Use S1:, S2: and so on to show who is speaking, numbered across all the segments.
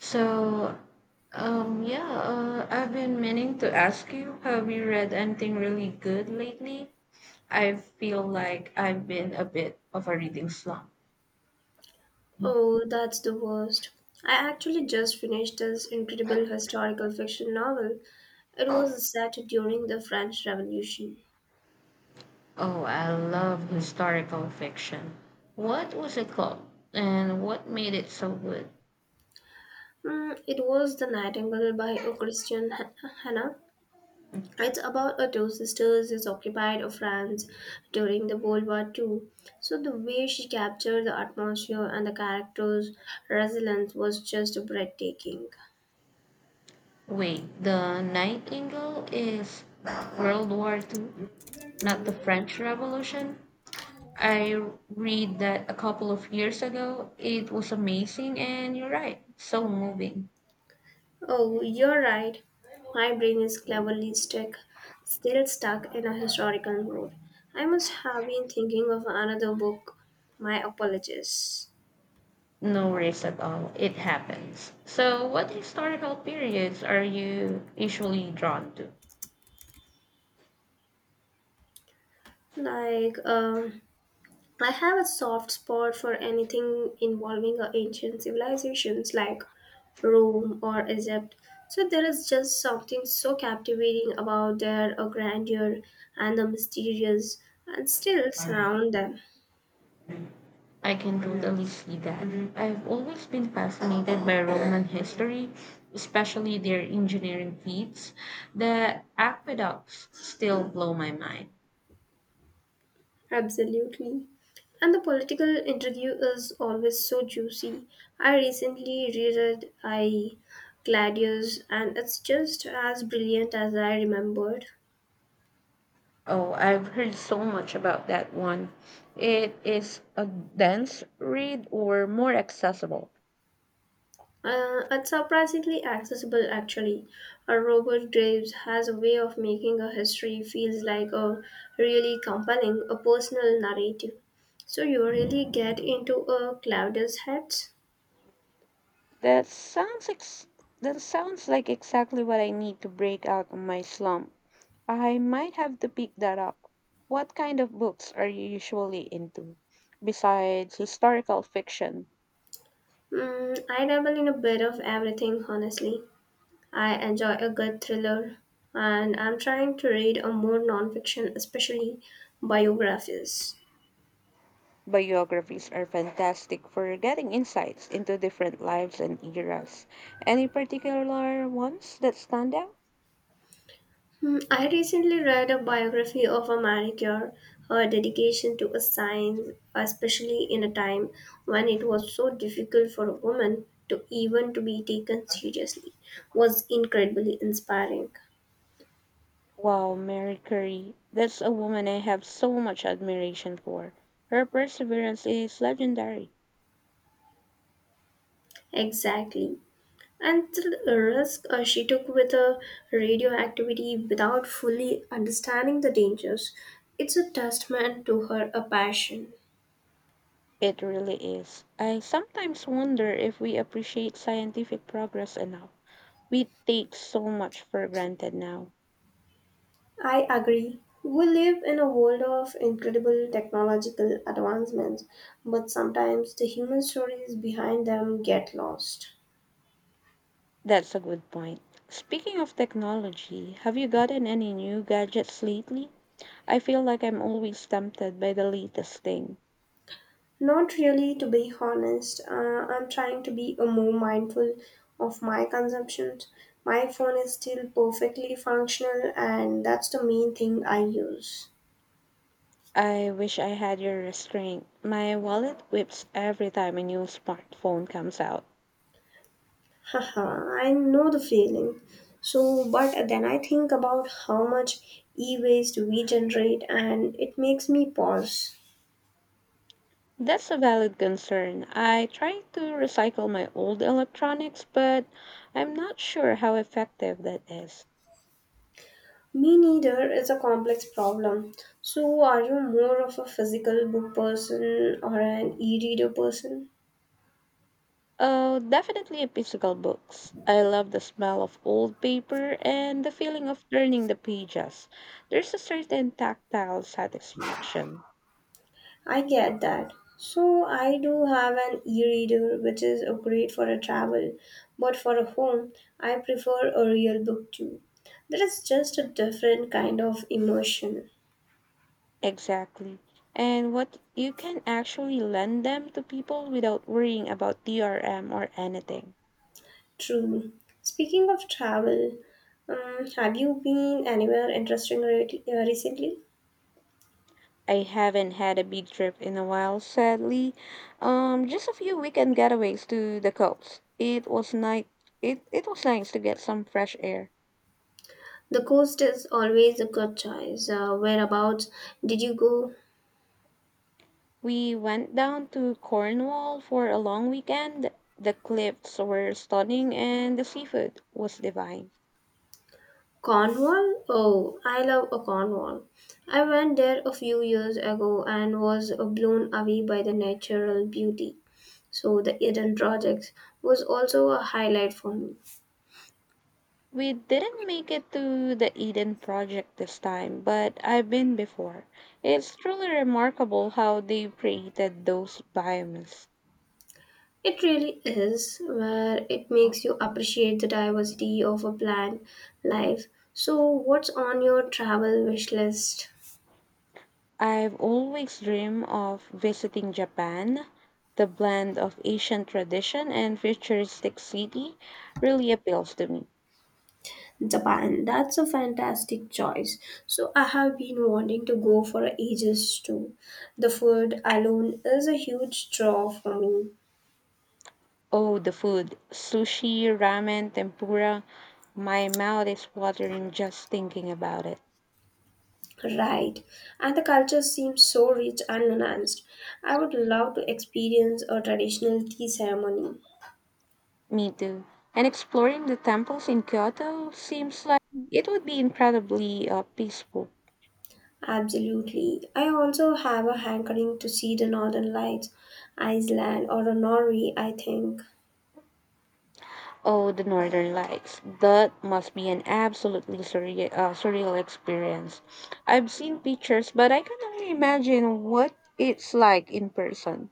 S1: So, yeah, I've been meaning to ask you, have you read anything really good lately? I feel like I've been a bit of a reading slump.
S2: Oh, that's the worst. I actually just finished this incredible historical fiction novel. It was set during the French Revolution.
S1: Oh, I love historical fiction. What was it called? And what made it so good?
S2: It was The Nightingale by a Hannah. It's about a two sisters who occupied of France during the World War Two. So the way she captured the atmosphere and the characters' resilience was just breathtaking.
S1: Wait, The Nightingale is World War Two, not the French Revolution? I read that a couple of years ago. It was amazing, and you're right, so moving.
S2: Oh, you're right. My brain is cleverly stuck, still stuck in a historical mode. I must have been thinking of another book. My apologies.
S1: No race at all. It happens. So, what historical periods are you usually drawn to?
S2: Like, I have a soft spot for anything involving ancient civilizations like Rome or Egypt. So there is just something so captivating about their grandeur and the mysterious, and still surround them.
S1: I can totally see that. I've always been fascinated by Roman history, especially their engineering feats. The aqueducts still blow my mind.
S2: Absolutely. And the political intrigue is always so juicy. I recently reread I Gladius and it's just as brilliant as I remembered.
S1: Oh, I've heard so much about that one. It is a dense read or more accessible.
S2: It's surprisingly accessible actually. Robert Graves has a way of making a history feels like a really compelling, a personal narrative. So you really get into a Claudius heads.
S1: That sounds ex- that sounds like exactly what I need to break out of my slump. I might have to pick that up. What kind of books are you usually into? Besides historical fiction,
S2: I dabble in a bit of everything honestly. I enjoy a good thriller, and I'm trying to read a more nonfiction, especially biographies.
S1: biographies are fantastic for getting insights into different lives and eras. Any particular ones that stand out?
S2: I recently read a biography of a Marie Curie, her dedication to a science, especially in a time when it was so difficult for a woman to even to be taken seriously, was incredibly inspiring.
S1: Wow, Mary Curie. That's a woman I have so much admiration for. Her perseverance is legendary.
S2: Exactly. And the risk she took with a radioactivity without fully understanding the dangers, it's a testament to her a passion.
S1: It really is. I sometimes wonder if we appreciate scientific progress enough. We take so much for granted now.
S2: I agree. We live in a world of incredible technological advancements, but sometimes the human stories behind them get lost.
S1: That's a good point. Speaking of technology, have you gotten any new gadgets lately? I feel like I'm always tempted by the latest thing.
S2: Not really, to be honest. I'm trying to be a more mindful of my consumptions. My phone is still perfectly functional, and that's the main thing I use.
S1: I wish I had your restraint. My wallet whips every time a new smartphone comes out.
S2: Haha, I know the feeling. So, but then I think about how much e waste we generate, and it makes me pause.
S1: That's a valid concern. I try to recycle my old electronics, but I'm not sure how effective that is.
S2: Me neither is a complex problem. So, are you more of a physical book person or an e reader person?
S1: Oh, definitely physical books. I love the smell of old paper and the feeling of turning the pages. There's a certain tactile satisfaction.
S2: I get that. So I do have an e-reader which is great for a travel, but for a home, I prefer a real book too. That is just a different kind of immersion.
S1: Exactly. And what you can actually lend them to people without worrying about DRM or anything.
S2: True. Speaking of travel, have you been anywhere interesting recently?
S1: I haven't had a big trip in a while, sadly. Just a few weekend getaways to the coast. It was nice. It was nice to get some fresh air.
S2: The coast is always a good choice. Whereabouts did you go?
S1: We went down to Cornwall for a long weekend. The cliffs were stunning and the seafood was divine.
S2: Cornwall? Oh, I love a Cornwall. I went there a few years ago and was blown away by the natural beauty. So the Eden Project was also a highlight for me.
S1: We didn't make it to the Eden Project this time, but I've been before. It's truly remarkable how they created those biomes.
S2: It really is where it makes you appreciate the diversity of a plant life. So what's on your travel wish list?
S1: I've always dreamed of visiting Japan. The blend of Asian tradition and futuristic city really appeals to me.
S2: Japan, that's a fantastic choice. So, I have been wanting to go for ages too. The food alone is a huge draw for me,
S1: Oh, the food, sushi, ramen, tempura. My mouth is watering just thinking about it.
S2: right? And the culture seems so rich and nuanced. I would love to experience a traditional tea ceremony.
S1: Me too. And exploring the temples in Kyoto seems like it would be incredibly peaceful.
S2: Absolutely. I also have a hankering to see the northern lights, Iceland or Norway, I think.
S1: Oh, the Northern Lights. That must be an absolutely surreal experience. I've seen pictures, but I can only imagine what it's like in person.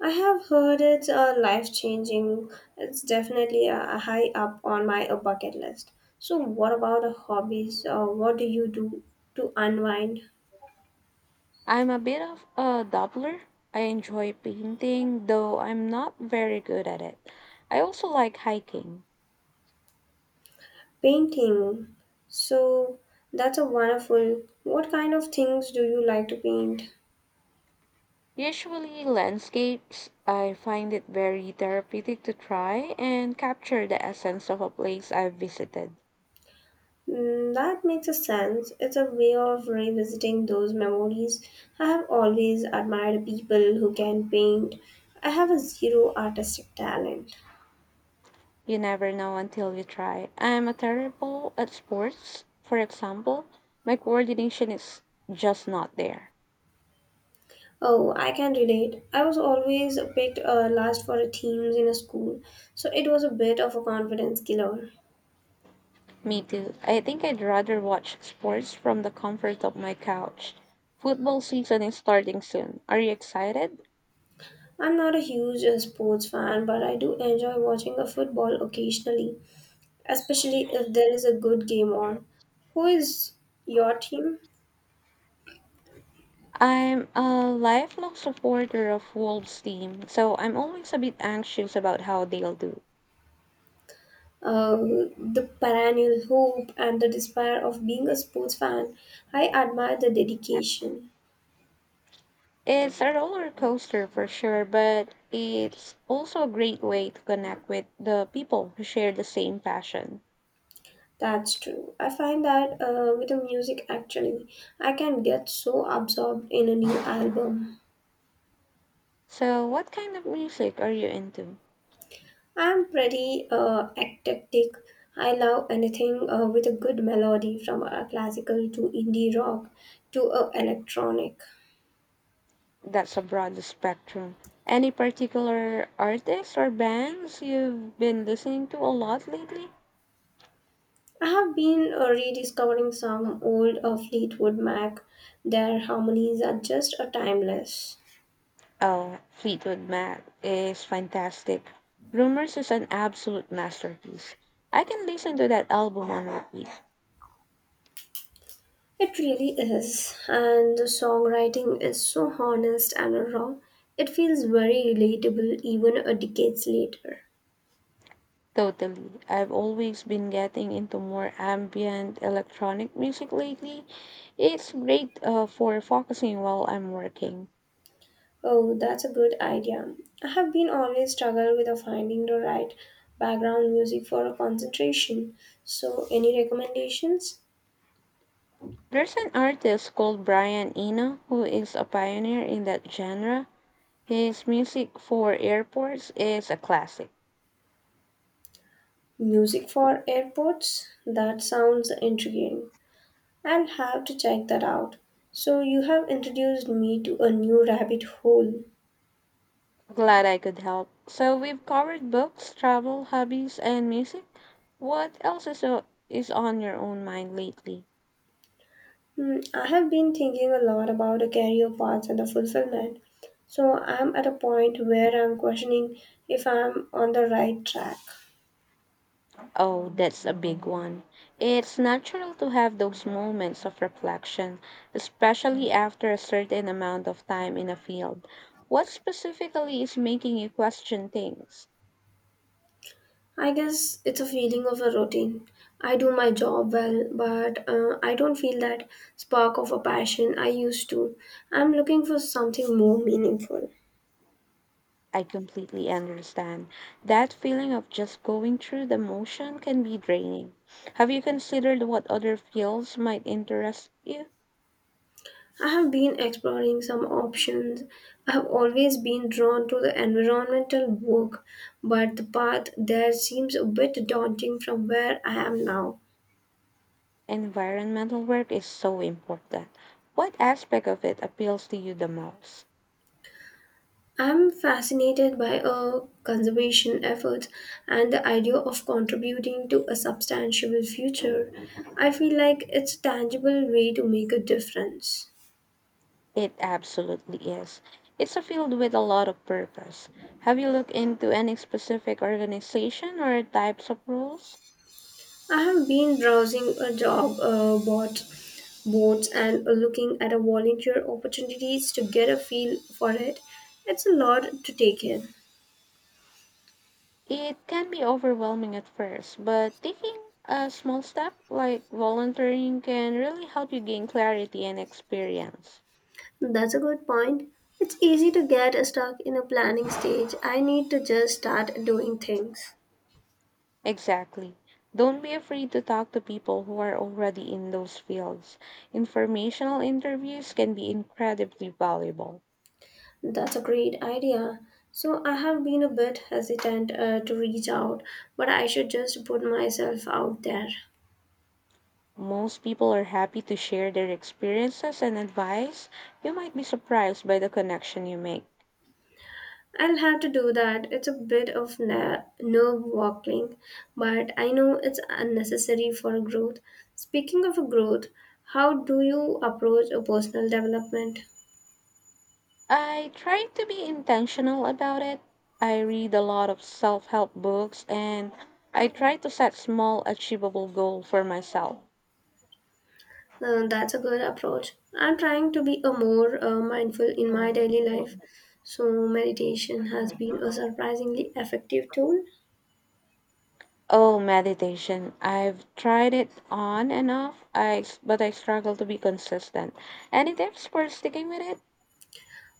S2: I have heard it's a life changing. It's definitely a high up on my bucket list. So, what about hobbies? What do you do to unwind?
S1: I'm a bit of a dabbler. I enjoy painting, though I'm not very good at it. I also like hiking.
S2: Painting. So, that's a wonderful. What kind of things do you like to paint?
S1: Usually landscapes, I find it very therapeutic to try and capture the essence of a place I've visited.
S2: That makes a sense. It's a way of revisiting those memories. I have always admired people who can paint. I have a zero artistic talent.
S1: You never know until you try. I'm a terrible at sports. For example, my coordination is just not there.
S2: Oh, I can relate. I was always picked last for teams in a school, so it was a bit of a confidence killer.
S1: Me too. I think I'd rather watch sports from the comfort of my couch. Football season is starting soon. Are you excited?
S2: I'm not a huge sports fan, but I do enjoy watching a football occasionally, especially if there is a good game on. Who is your team?
S1: I'm a lifelong supporter of Wolves team, so I'm always a bit anxious about how they'll do.
S2: The perennial hope and the despair of being a sports fan. I admire the dedication.
S1: It's a roller coaster for sure, but it's also a great way to connect with the people who share the same passion.
S2: That's true. I find that with the music, actually, I can get so absorbed in a new album.
S1: So, what kind of music are you into?
S2: I'm pretty eclectic. I love anything with a good melody, from a classical to indie rock to a electronic.
S1: That's a broad spectrum. Any particular artists or bands you've been listening to a lot lately?
S2: I have been rediscovering some old Fleetwood Mac. Their harmonies are just timeless.
S1: Oh, Fleetwood Mac is fantastic. Rumors is an absolute masterpiece. I can listen to that album on repeat.
S2: It really is, and the songwriting is so honest and raw. It feels very relatable even a decades later.
S1: Totally. I've always been getting into more ambient electronic music lately. It's great for focusing while I'm working.
S2: Oh, that's a good idea. I have been always struggled with finding the right background music for a concentration. So, any recommendations?
S1: There's an artist called Brian Eno who is a pioneer in that genre. His music for airports is a classic.
S2: Music for airports? That sounds intriguing. I'll have to check that out. So, you have introduced me to a new rabbit hole.
S1: Glad I could help. So we've covered books, travel, hobbies, and music. What else is, o- is on your own mind lately?
S2: I have been thinking a lot about the career paths and the fulfillment. So I'm at a point where I'm questioning if I'm on the right track.
S1: Oh, that's a big one. It's natural to have those moments of reflection, especially after a certain amount of time in a field. What specifically is making you question things?
S2: I guess it's a feeling of a routine. I do my job well, but I don't feel that spark of a passion I used to. I'm looking for something more meaningful.
S1: I completely understand. That feeling of just going through the motion can be draining. Have you considered what other fields might interest you?
S2: I have been exploring some options. I have always been drawn to the environmental work, but the path there seems a bit daunting from where I am now.
S1: Environmental work is so important. What aspect of it appeals to you the most?
S2: I am fascinated by conservation efforts and the idea of contributing to a substantial future. I feel like it's a tangible way to make a difference.
S1: It absolutely is. It's a field with a lot of purpose. Have you looked into any specific organization or types of roles?
S2: I have been browsing a job boards and looking at a volunteer opportunities to get a feel for it. It's a lot to take in.
S1: It can be overwhelming at first, but taking a small step like volunteering can really help you gain clarity and experience.
S2: That's a good point. It's easy to get stuck in a planning stage. I need to just start doing things.
S1: Exactly. Don't be afraid to talk to people who are already in those fields. Informational interviews can be incredibly valuable.
S2: That's a great idea. So I have been a bit hesitant to reach out, but I should just put myself out there.
S1: Most people are happy to share their experiences and advice. You might be surprised by the connection you make.
S2: I'll have to do that. It's a bit of nerve walking but I know it's unnecessary for growth. Speaking of growth, how do you approach a personal development?
S1: I try to be intentional about it. I read a lot of self help books and I try to set small, achievable goals for myself.
S2: That's a good approach. I'm trying to be a more mindful in my daily life, so meditation has been a surprisingly effective tool.
S1: Oh, meditation. I've tried it on and off, but I struggle to be consistent. Any tips for sticking with it?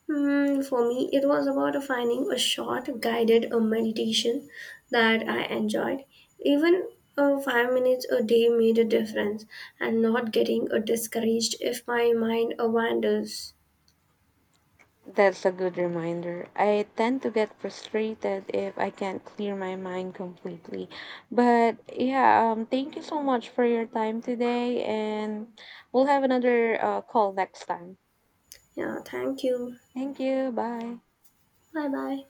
S2: For me, it was about finding a short guided meditation that I enjoyed. Even 5 minutes a day made a difference, and not getting discouraged if my mind wanders.
S1: That's a good reminder. I tend to get frustrated if I can't clear my mind completely. But yeah, thank you so much for your time today, and we'll have another call next time.
S2: Yeah, thank you.
S1: Thank you. Bye.
S2: Bye bye.